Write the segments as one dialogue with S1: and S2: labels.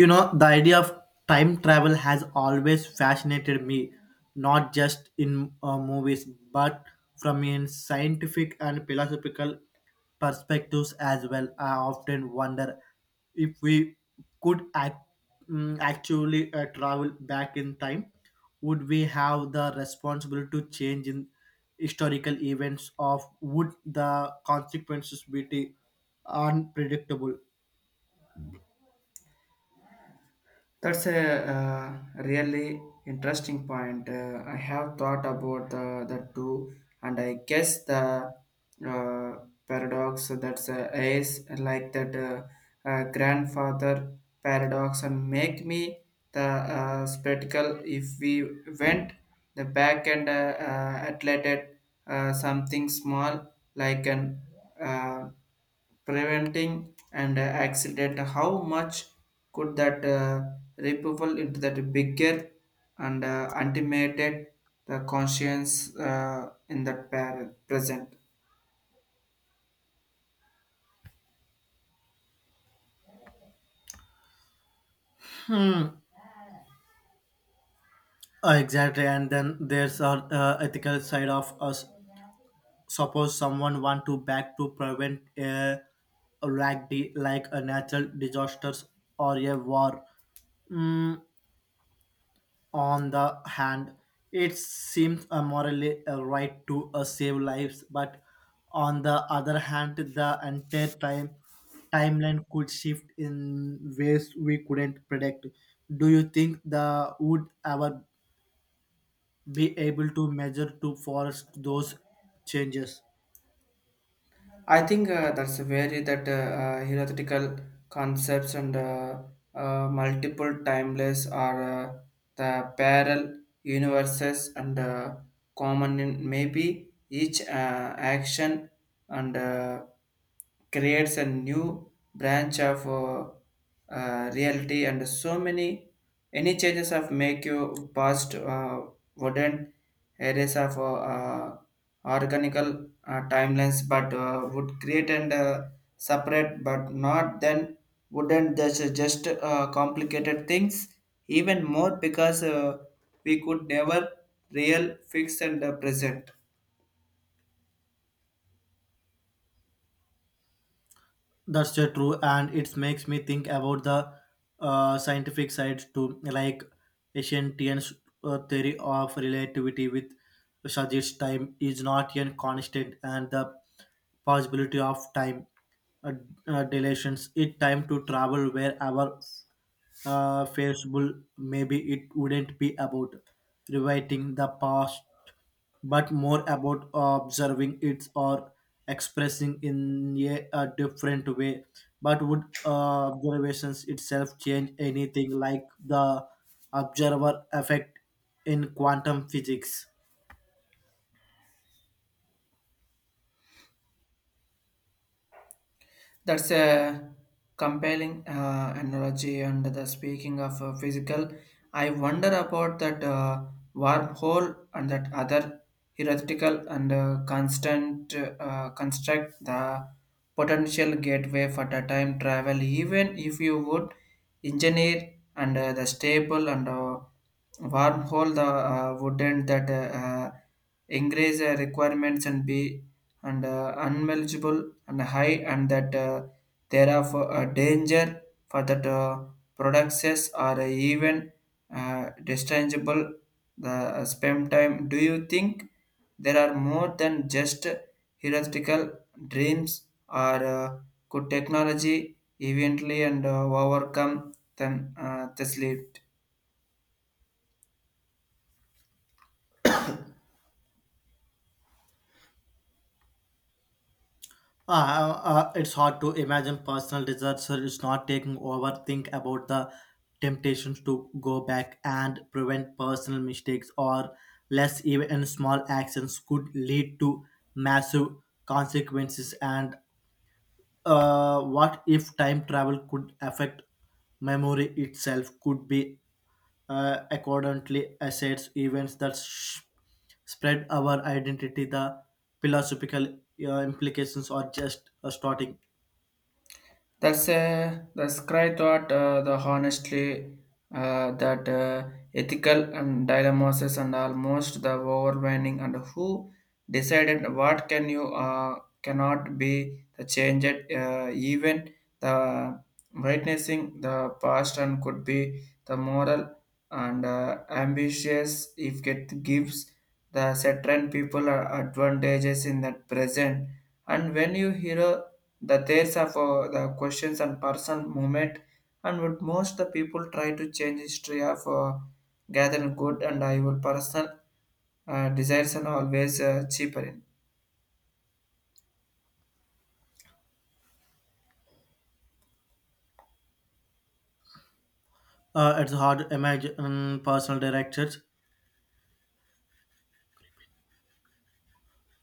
S1: You know, the idea of time travel has always fascinated me, not just in movies, but from a scientific and philosophical perspectives as well. I often wonder if we could actually travel back in time, would we have the responsibility to change in historical events of would the consequences be the unpredictable?
S2: That's a really interesting point. I have thought about the two, and I guess the uh, paradox, so that's is like that grandfather paradox and make me the spectacle if we went the back and atlated something small like an uh, preventing an accident. How much could that ripple into that bigger and ultimated the conscience in that present.
S1: Exactly, and then there's our ethical side of us. Suppose someone want to back to prevent a like a natural disasters or a war. Mm, on the hand, it seems a morally a right to save lives, but on the other hand, the entire timeline could shift in ways we couldn't predict. Do you think the would ever be able to measure to forest those changes?
S2: I think that's a very that theoretical concepts and multiple timeless are the parallel universes and common in maybe each action and creates a new branch of reality and so many any changes of make you past wooden areas of organical timelines, but would create and separate, but not then wouldn't just complicated things even more because we could never real fix and present.
S1: That's so true, and it makes me think about the scientific side too, like Asiantian's theory of relativity, with suggests time is not a constant, and the possibility of time uh, dilations. It time to travel wherever feasible. Maybe it wouldn't be about rewriting the past but more about observing it or expressing in a different way. But would observations itself change anything, like the observer effect in quantum physics?
S2: That's a compelling analogy. And the speaking of physical, I wonder about that wormhole and that other theoretical and constant construct the potential gateway for the time travel. Even if you would engineer and the staple and wormhole the wouldn't that increase requirements and be and unmanageable and high and that there are for, danger for that products are even dischargeable the spam time. Do you think there are more than just theoretical dreams or could technology eventually and overcome them this lead.
S1: It's hard to imagine personal researcher is not taking over. Think about the temptations to go back and prevent personal mistakes or less, even small actions could lead to massive consequences, and what if time travel could affect memory itself, could be accordingly assets events that spread our identity, the philosophical implications are just starting.
S2: That's cry thought the honestly that ethical and dilemmas and almost the overwhelming. And who decided what can you cannot be the changed even the witnessing the past and could be the moral and ambitious if it gives the certain people advantages in that present. And when you hear the there's of the questions and personal movement, and would most the people try to change history of gathering good and I will personal desires and always cheaper.
S1: It's hard to imagine personal directors.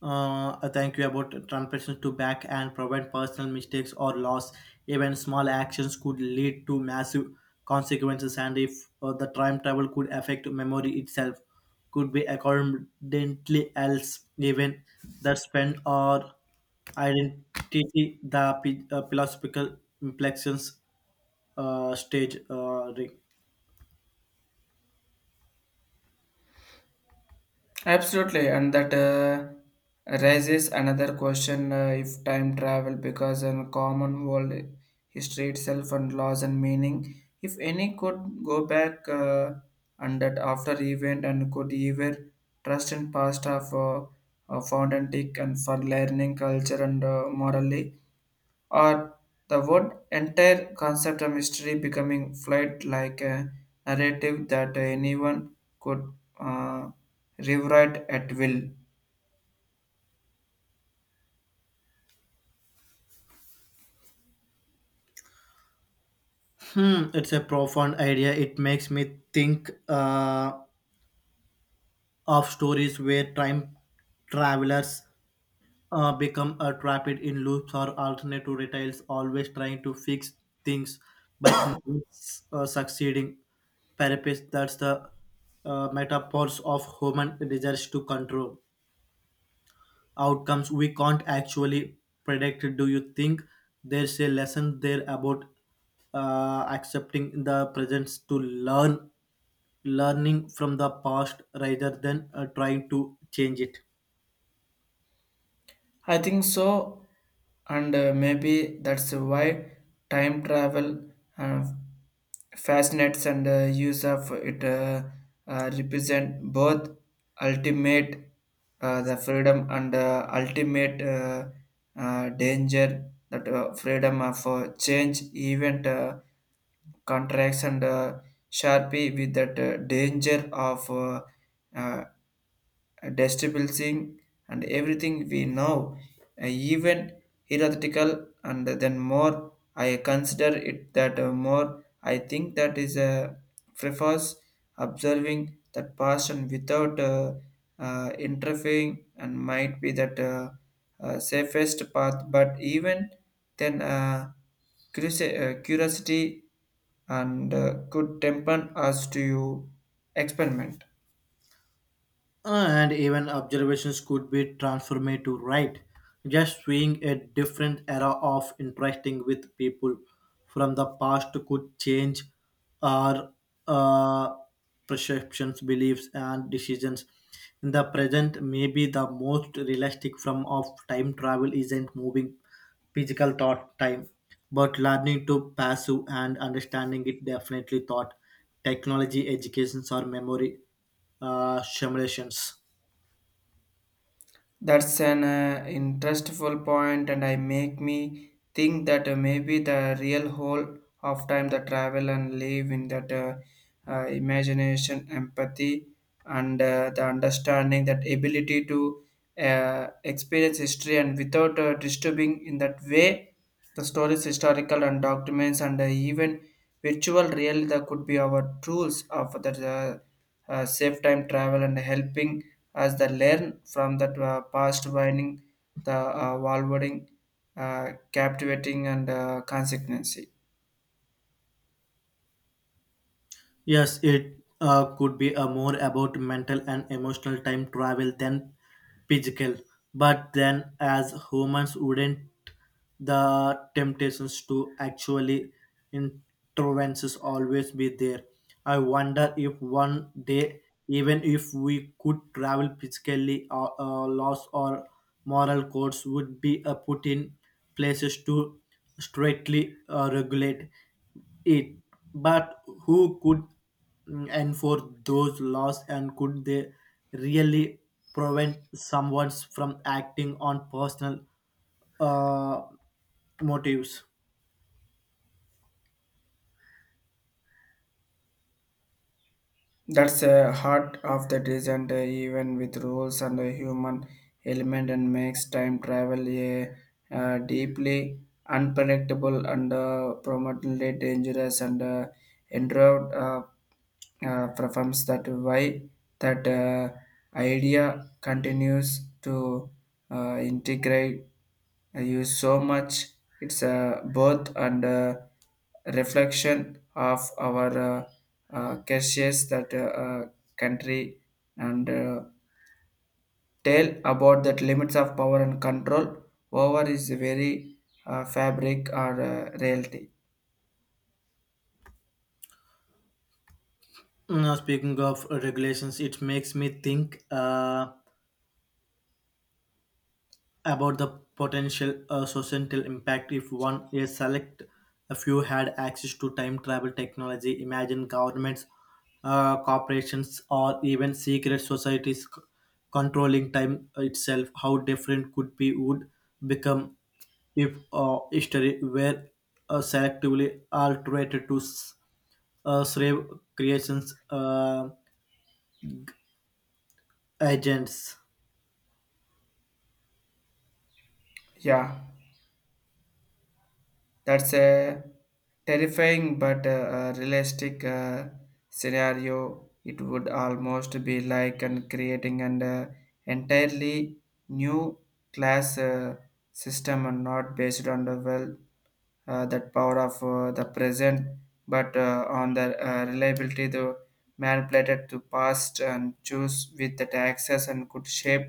S1: I thank you about transactions to back and prevent personal mistakes or loss. Even small actions could lead to massive consequences, and if the time travel could affect memory itself, could be accordingly else, even that spend or identity, the philosophical implications stage.
S2: Absolutely, and that raises another question. If time travel because in common world, history itself and laws and meaning, if any could go back and that after event and could either trust in past of found antique and for learning culture and morally, or the word entire concept of mystery becoming flight like a narrative that anyone could uh, rewrite at will.
S1: Hmm, it's a profound idea. It makes me think of stories where time travelers become trapped in loops or alternative realities, always trying to fix things but never succeeding. Perhaps that's the metaphors of human desires to control outcomes we can't actually predict. Do you think there's a lesson there about accepting the presence to learn learning from the past rather than trying to change it?
S2: I think so, and maybe that's why time travel uh, fascinates and use of it represent both ultimate the freedom and ultimate danger that freedom of change event contracts and sharpie with that danger of uh, destabilizing and everything we know, even theoretical. And then more I consider it that more I think that is a prefers observing that passion without interfering and might be that safest path. But even then, curiosity and could temper us to experiment.
S1: And even observations could be transformative, right? Just seeing a different era of interacting with people from the past could change our uh, perceptions, beliefs, and decisions. In the present, maybe the most realistic form of time travel isn't moving physical thought time, but learning to pursue and understanding it definitely thought, technology, educations, or memory simulations.
S2: That's an interestful point, and I make me think that maybe the real whole of time the travel and live in that imagination, empathy, and the understanding, that ability to experience history and without disturbing in that way the stories, historical and documents, and even virtual real that could be our tools of the safe time travel and helping us the learn from that past winding, the valving, captivating and consequency.
S1: Yes, it could be more about mental and emotional time travel than physical. But then, as humans, wouldn't the temptations to actually interventions always be there? I wonder if one day, even if we could travel physically, loss or moral codes would be put in places to strictly regulate it. But who could enforce those laws, and could they really prevent someone from acting on personal uh, motives?
S2: That's the heart of the design. Even with rules and a human element, and makes time travel a deeply unpredictable and prominently dangerous and endured performs that why that idea continues to integrate. I use so much. It's a birth and a reflection of our cautious that country and tell about that limits of power and control over is very fabric or reality.
S1: Now, speaking of regulations, it makes me think about the potential societal impact if one a select a few had access to time travel technology. Imagine governments, corporations, or even secret societies controlling time itself. How different could be would become if history were selectively altered to slave creations agents.
S2: Yeah. That's a terrifying but realistic scenario. It would almost be like and creating an entirely new class system and not based on the well that power of the present, but on the reliability the manipulated to past and choose with that access and could shape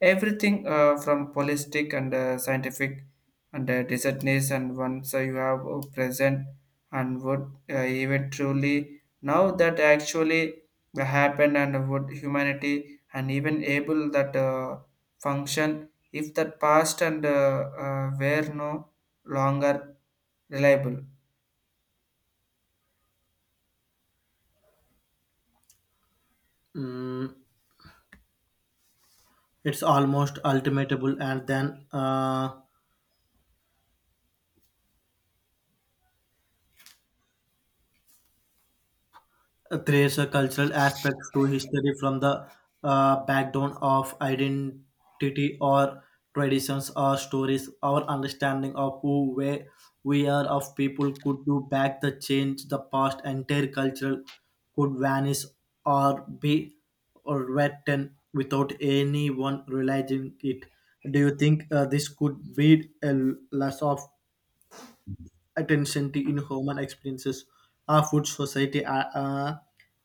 S2: everything from holistic and scientific and desertness. And once you have present and would even truly now that actually happen, and would humanity and even able that function if that past and were no longer reliable.
S1: Mm, it's almost ultimatable, and then trace a cultural aspects to history from the background of identity or traditions or stories, our understanding of who we are of people could do back the change the past, entire cultural could vanish or be or written without anyone realizing it. Do you think this could be a loss of attention to in human experiences, our food society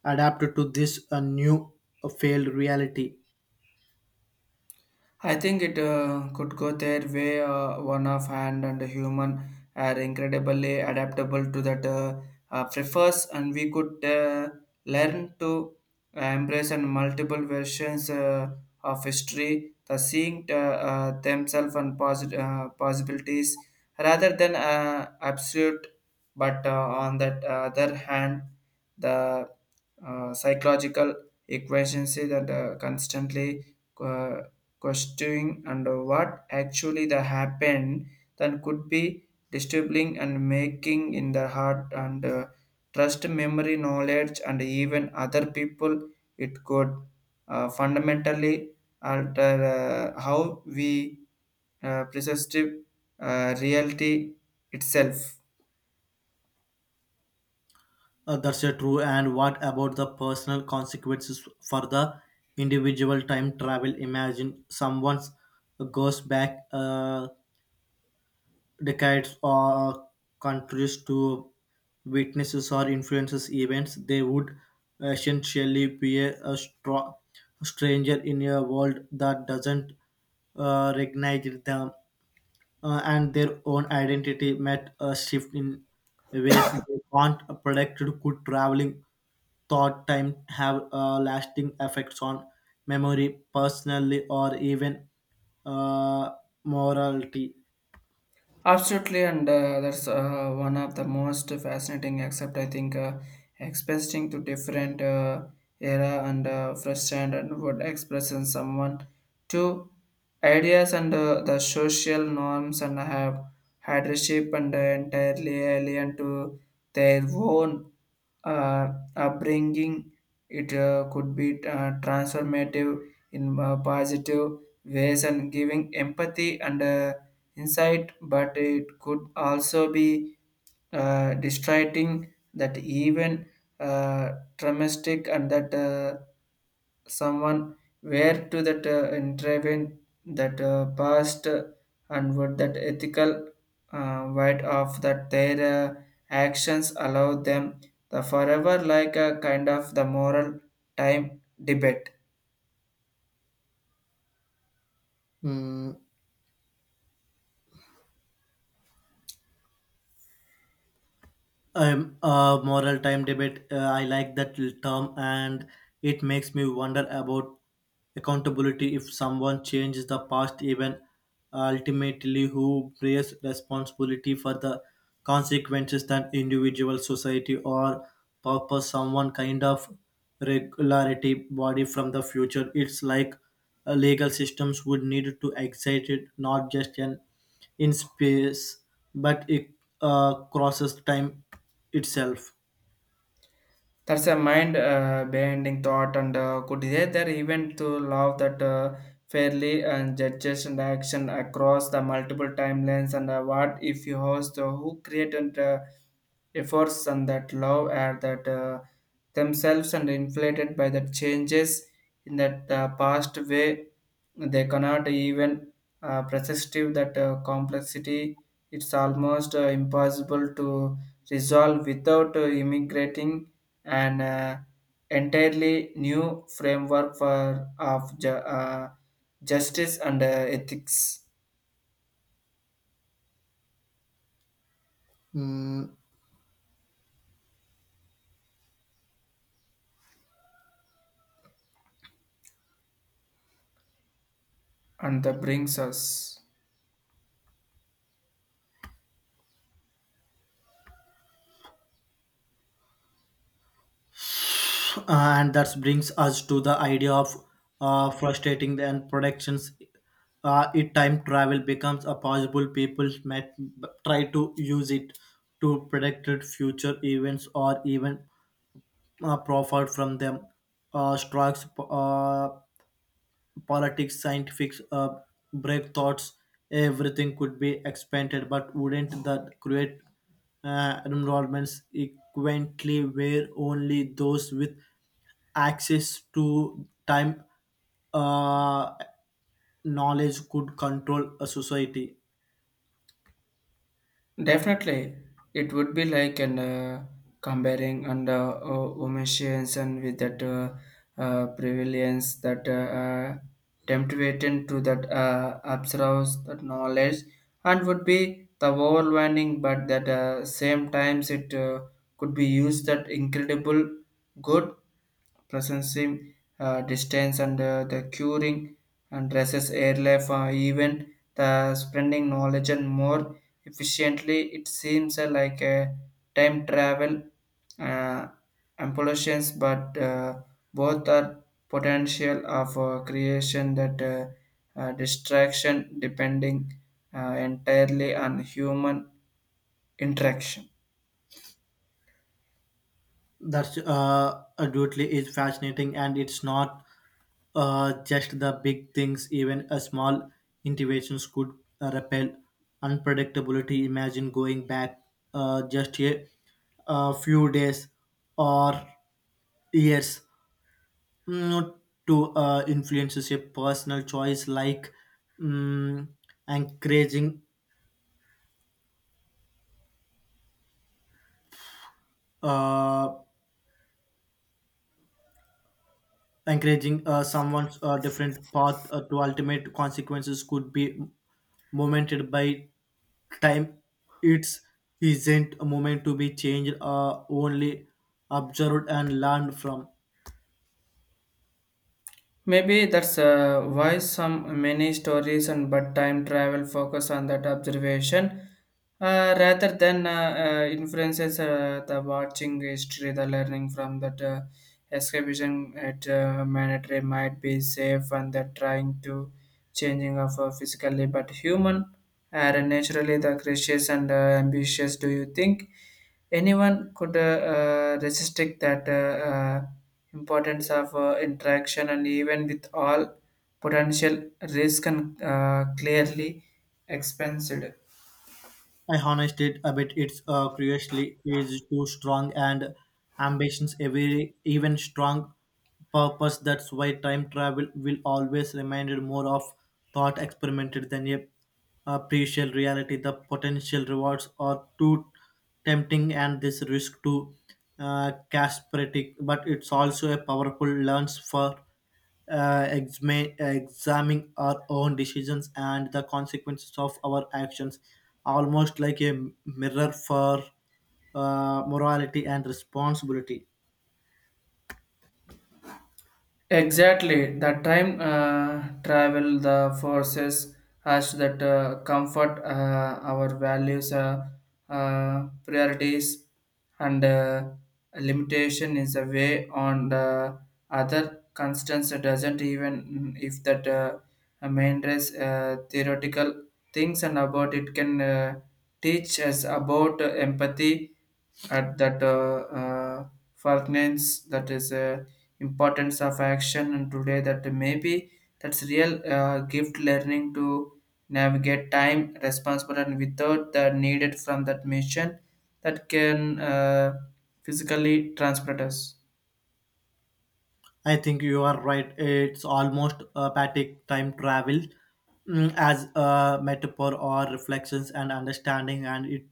S1: adapted to this new failed reality?
S2: I think it could go their way. One of hand and human are incredibly adaptable to that prefers, and we could learn to embrace and multiple versions of history, the seeing themselves and possibilities rather than absolute. But on that other hand, the psychological equations say that constantly uh, questioning under what actually the happened then could be disturbing and making in the heart and trust memory knowledge and even other people. It could fundamentally alter how we perceive reality itself.
S1: That's a true, and what about the personal consequences for the individual time travel? Imagine someone goes back decades or countries to witnesses or influences events, they would essentially be a stranger in a world that doesn't recognize them, and their own identity met a shift in ways they can't predict. Could traveling thought time have lasting effects on memory, personally, or even uh, morality?
S2: Absolutely, and that's one of the most fascinating. Except I think expressing to different era and frustrant and would express in someone to ideas and the social norms and have had a shape and entirely alien to their own uh, upbringing, it could be transformative in positive ways and giving empathy and insight, but it could also be distracting that even uh, domestic and that someone where to that intervene that past and would that ethical right of that their actions allow them the forever like a kind of the moral time debate.
S1: Mm, Moral time debate. I like that term, and it makes me wonder about accountability. If someone changes the past, even ultimately, who bears responsibility for the consequences? That individual, society, or purpose? Someone kind of regularity body from the future. It's like a legal systems would need to excite it, not just an in space, but it crosses time itself.
S2: That's a mind bending thought, and could either even to love that fairly and judges and action across the multiple timelines. And what if you host who create and efforts and that love are that themselves and inflated by the changes in that past way they cannot even perceive that complexity. It's almost impossible to resolve without immigrating and entirely new framework for of justice and ethics
S1: Mm,
S2: and that brings us
S1: and that brings us to the idea of frustrating and productions. If time travel becomes a possible, people might try to use it to predict future events or even profit from them. Strikes politics, scientific breakthroughs, everything could be expanded, but wouldn't that create enrollments equivalently where only those with access to time uh, knowledge could control a society?
S2: definitely. It would be like an comparing and with that prevalence that uh, temptation to that absorbs that knowledge and would be the overwhelming, but that same times it could be used that incredible good presencing distance and the curing and dresses airlife, even the spreading knowledge and more efficiently. It seems like a time travel uh, amplifications, but both are potential of creation that distraction depending entirely on human interaction.
S1: That's absolutely is fascinating, and it's not just the big things. Even a small innovations could repel unpredictability. Imagine going back just a few days or years, mm, to influences a personal choice like, mm, encouraging. Uh, Encouraging someone's different path to ultimate consequences could be momented by time, it's isn't a moment to be changed, only observed and learned from.
S2: Maybe that's why some many stories and but time travel focus on that observation rather than influences the watching history, the learning from that excavation at mandatory might be safe and that trying to changing of physically, but human are naturally the gracious and ambitious. Do you think? Anyone could resist it that importance of interaction and even with all potential risk and clearly expensed.
S1: I honest it a bit. It's curiously is too strong, and ambitions a very even strong purpose. That's why time travel will always remind more of thought experimented than a appreciable reality. The potential rewards are too tempting, and this risk too caspratic, but it's also a powerful lens for examining our own decisions and the consequences of our actions, almost like a mirror for morality and responsibility.
S2: Exactly, the time travel the forces has that comfort our values, priorities, and limitation is a way on the other constants doesn't. Even if that main race theoretical things and about it can teach us about empathy at that finance that is importance of action and today that maybe that's real gift learning to navigate time responsible and without the needed from that mission that can physically transport us.
S1: I think you are right. It's almost apathic time travel, as a metaphor or reflections and understanding, and it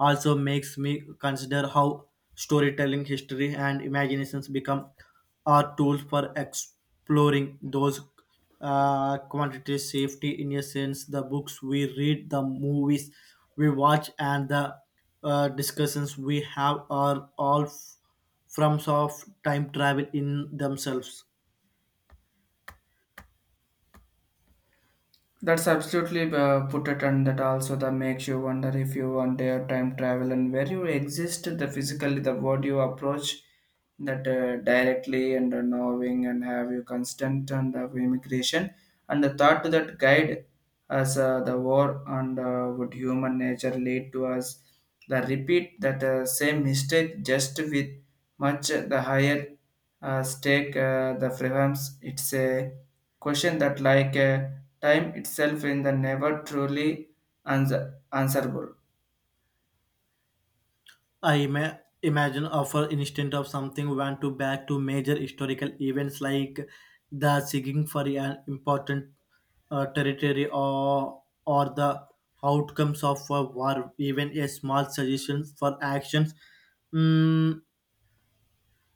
S1: also makes me consider how storytelling, history, and imaginations become our tools for exploring those quantities, safety, innocence, the books we read, the movies we watch, and the discussions we have are all forms of time travel in themselves.
S2: That's absolutely put it, and that also that makes you wonder if you want their time travel and where you exist the physically the what you approach that directly and knowing and have you constant and immigration and the thought that guide as the war and would human nature lead to us the repeat that same mistake just with much the higher stake the freedoms. It's a question that, like time itself, in the never truly ans- answerable.
S1: Imagine offer instead of something went to back to major historical events like the seeking for an important territory or the outcomes of a war, even a small suggestion for actions, mm,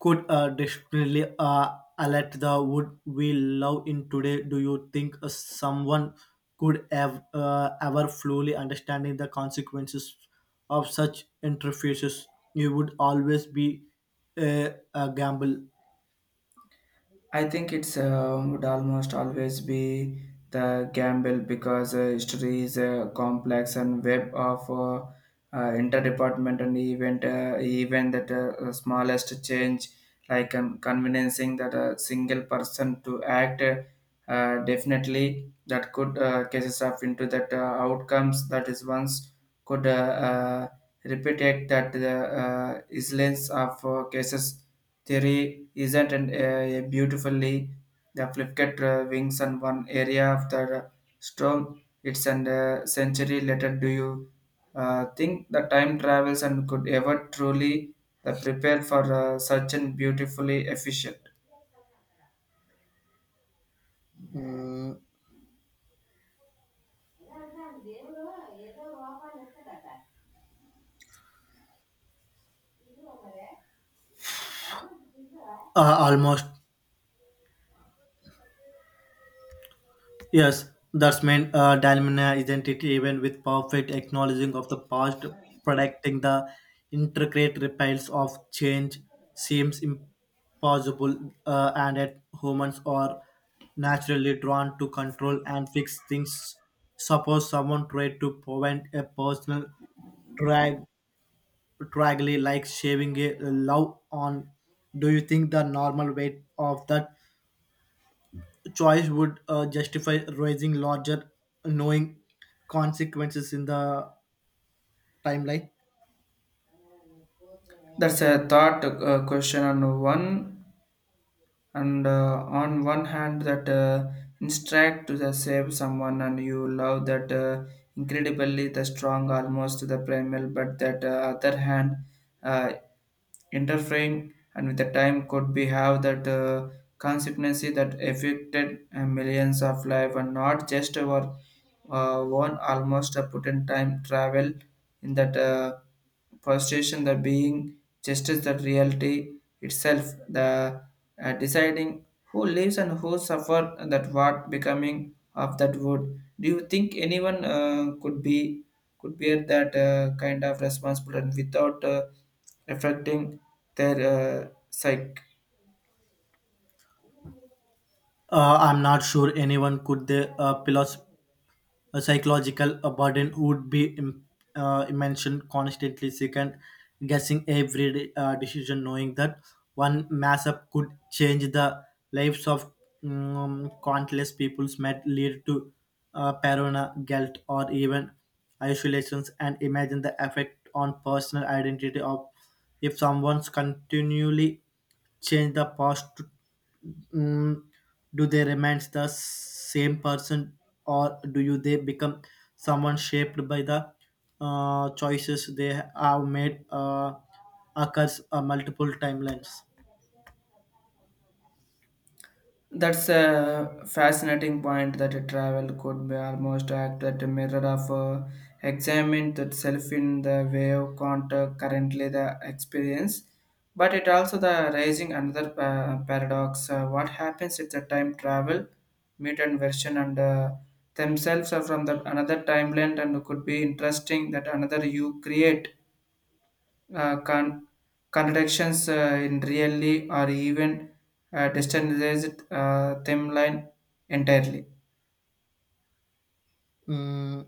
S1: could desperately alert the wood we love in today. Do you think someone could ever fully understanding the consequences of such interfaces? It would always be a gamble.
S2: I think it's would almost always be the gamble because history is a complex and web of interdepartment and event even that the smallest change like convincing that a single person to act definitely that could cases up into that outcomes that is once could repeated that the islands of cases theory isn't a beautifully the flipped wings on one area of the storm, it's an century later. Do you think the time travels and could ever truly the prepare for such an beautifully efficient.
S1: mm, Almost. Yes, that's meant Dalmina, isn't it? Even with perfect acknowledging of the past, predicting the intricate reptiles of change seems impossible, and yet humans are naturally drawn to control and fix things. Suppose someone tried to prevent a personal drag draggly like shaving a love on. Do you think the normal weight of that choice would justify raising larger knowing consequences in the timeline?
S2: That's a thought question on one and on one hand that instruct to the save someone and you love that incredibly the strong almost to the primal, but that other hand uh, interfering and with the time could be have that consequency that affected millions of life and not just our one almost a put in time travel in that frustration the being just as the reality itself the deciding who lives and who suffer that what becoming of that wood. Do you think anyone could be could bear that kind of responsibility without affecting their psyche?
S1: I'm not sure anyone could they a psychological a burden would be immense, constantly second guessing every decision, knowing that one mess up could change the lives of countless peoples, might lead to paranoia, guilt, or even isolations. And imagine the effect on personal identity of if someone's continually change the past, mm, do they remain the same person, or do you they become someone shaped by the choices they have made occurs multiple timelines?
S2: That's a fascinating point that a travel could be almost act as a mirror of examine that self in the way of contact currently the experience. But it also the raising another paradox. What happens if the time travel, meet and version and themselves are from the another timeline and could be interesting that another you create uh, con- contradictions in really, or even distantized them line entirely.
S1: Mm,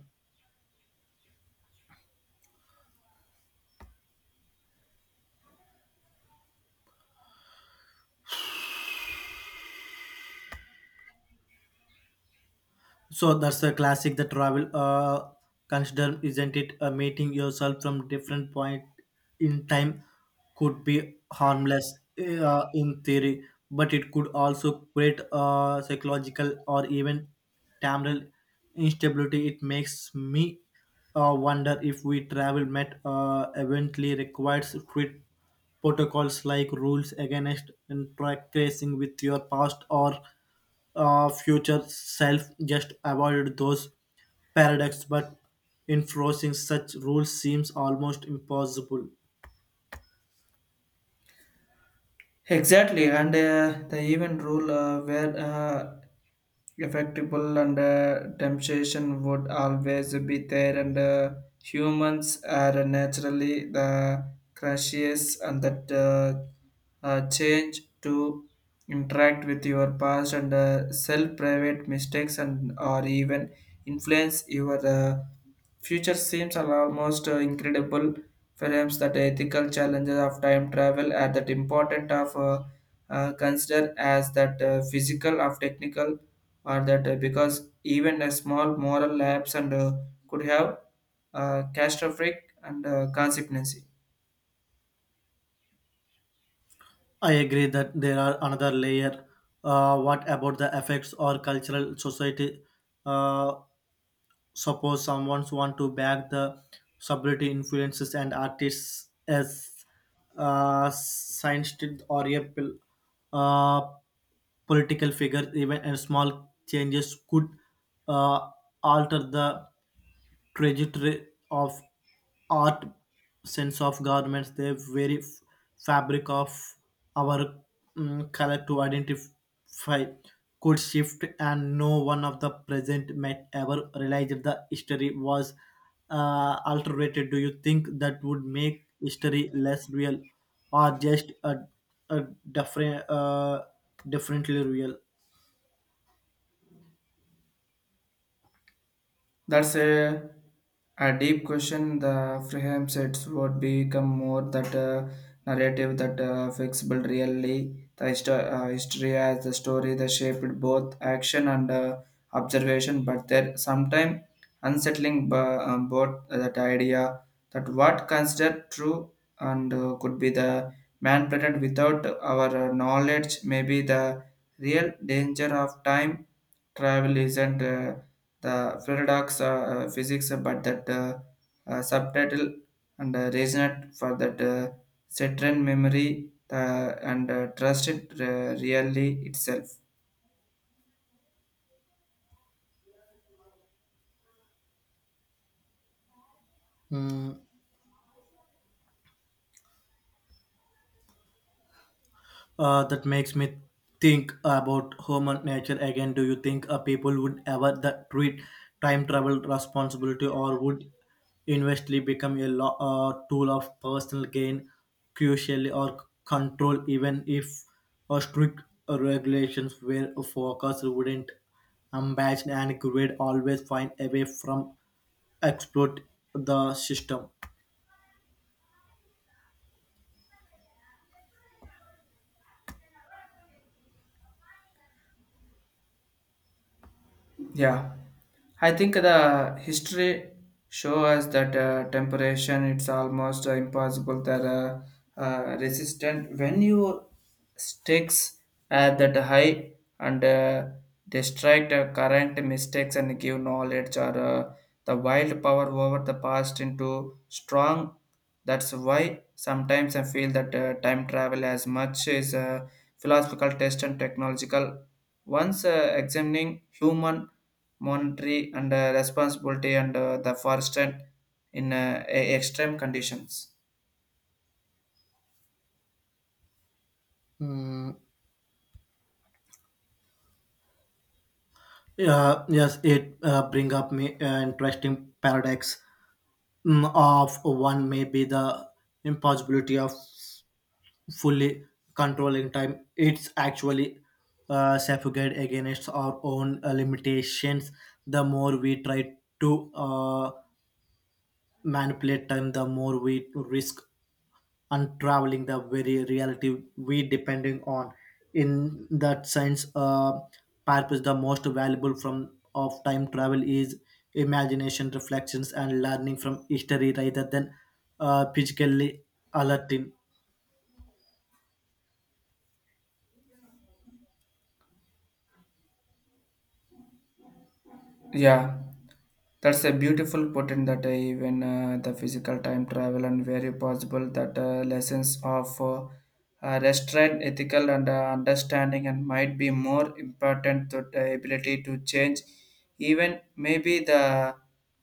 S1: So that's a classic. The travel consider, isn't it? A meeting yourself from different point in time could be harmless in theory, but it could also create psychological or even temporal instability. It makes me wonder if we travel met eventually requires strict protocols like rules against interacting with your past or future self, just avoided those paradoxes, but enforcing such rules seems almost impossible.
S2: Exactly, and the even rule where effectable and temptation would always be there, and humans are naturally the crashiest, and that change to interact with your past and self private mistakes and or even influence your. Future seems are almost incredible. Perhaps that ethical challenges of time travel are that important of consider as that physical of technical or that because even a small moral lapse and could have catastrophic and consequences.
S1: I agree that there are another layer. What about the effects or cultural society? uh, Suppose someone want to back the celebrity influences and artists as scientist or a uh, political figure, even and small changes could uh, alter the trajectory of art, sense of garments, the very fabric of our, color to identify could shift, and no one of the present might ever realize the history was alterated. Do you think that would make history less real, or just a different, differently real?
S2: That's a deep question. The Freham sets would become more that narrative that flexible really the history as the story that shaped both action and observation, but there sometimes unsettling both that idea that what considered true and could be the man planted without our knowledge. May be the real danger of time travel isn't the paradox physics, but that subtitle and resonant for that Saturn memory and trusted really itself.
S1: Mm. That makes me think about human nature again. Do you think people would ever that treat time travel responsibility, or would investly become a tool of personal gain, crucially or control, even if strict regulations were focused, wouldn't ambition and greed always find a way from exploit the system?
S2: Yeah, I think the history show us that temperation it's almost impossible that resistant when you sticks at that high and distract current mistakes and give knowledge or the wild power over the past into strong. That's why sometimes I feel that time travel as much is a philosophical test and technological. Once examining human monetary and responsibility and the forest in extreme conditions.
S1: Mm, yeah, yes, it bring up me an interesting paradox. Of one may be the impossibility of fully controlling time. It's actually suffocate against our own limitations. The more we try to manipulate time, the more we risk unraveling the very reality we depending on. In that sense, purpose the most valuable from of time travel is imagination, reflections, and learning from history rather than physically alerting.
S2: Yeah. That's a beautiful point that even the physical time travel and very possible that lessons of restraint, ethical and understanding and might be more important to the ability to change. Even maybe the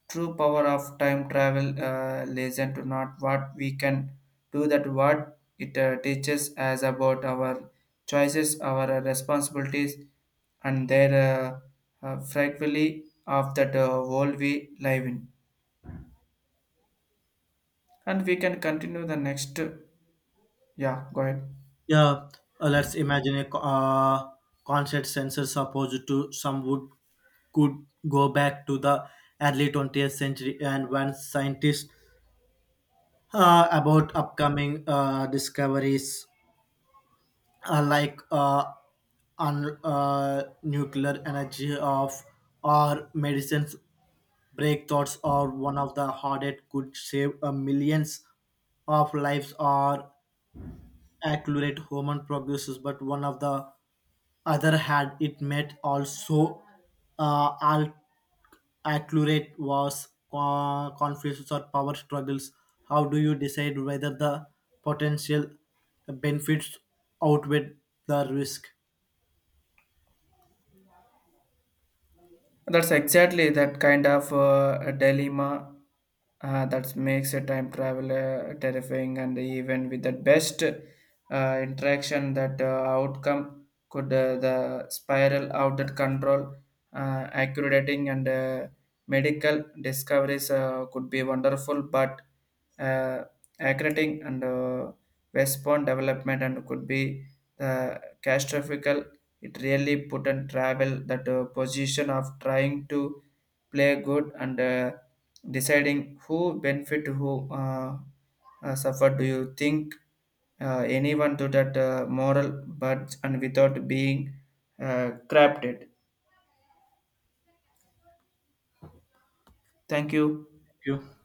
S2: true power of time travel lesson to not what we can do that what it teaches us about our choices, our responsibilities and their frightfully of that world we live in. And we can continue the next. Yeah, go ahead.
S1: Yeah, let's imagine a concert sensor supposed to some would could go back to the early 20th century and when scientists about upcoming discoveries like nuclear energy of or medicines breakthroughs, or one of the hardest could save millions of lives or accurate human progress, but one of the other had it met also uh, al- accurate was conflicts or power struggles. How do you decide whether the potential benefits outweigh the risk?
S2: That's exactly that kind of a dilemma that makes a time travel terrifying, and even with the best interaction, that outcome could the spiral out that control, accumulating and medical discoveries could be wonderful, but uh, accurating and West Point development and could be the catastrophic. It really put and travel that position of trying to play good and deciding who benefit who uh, suffer. Do you think anyone to that moral but and without being corrupted? Thank you.
S1: Thank you.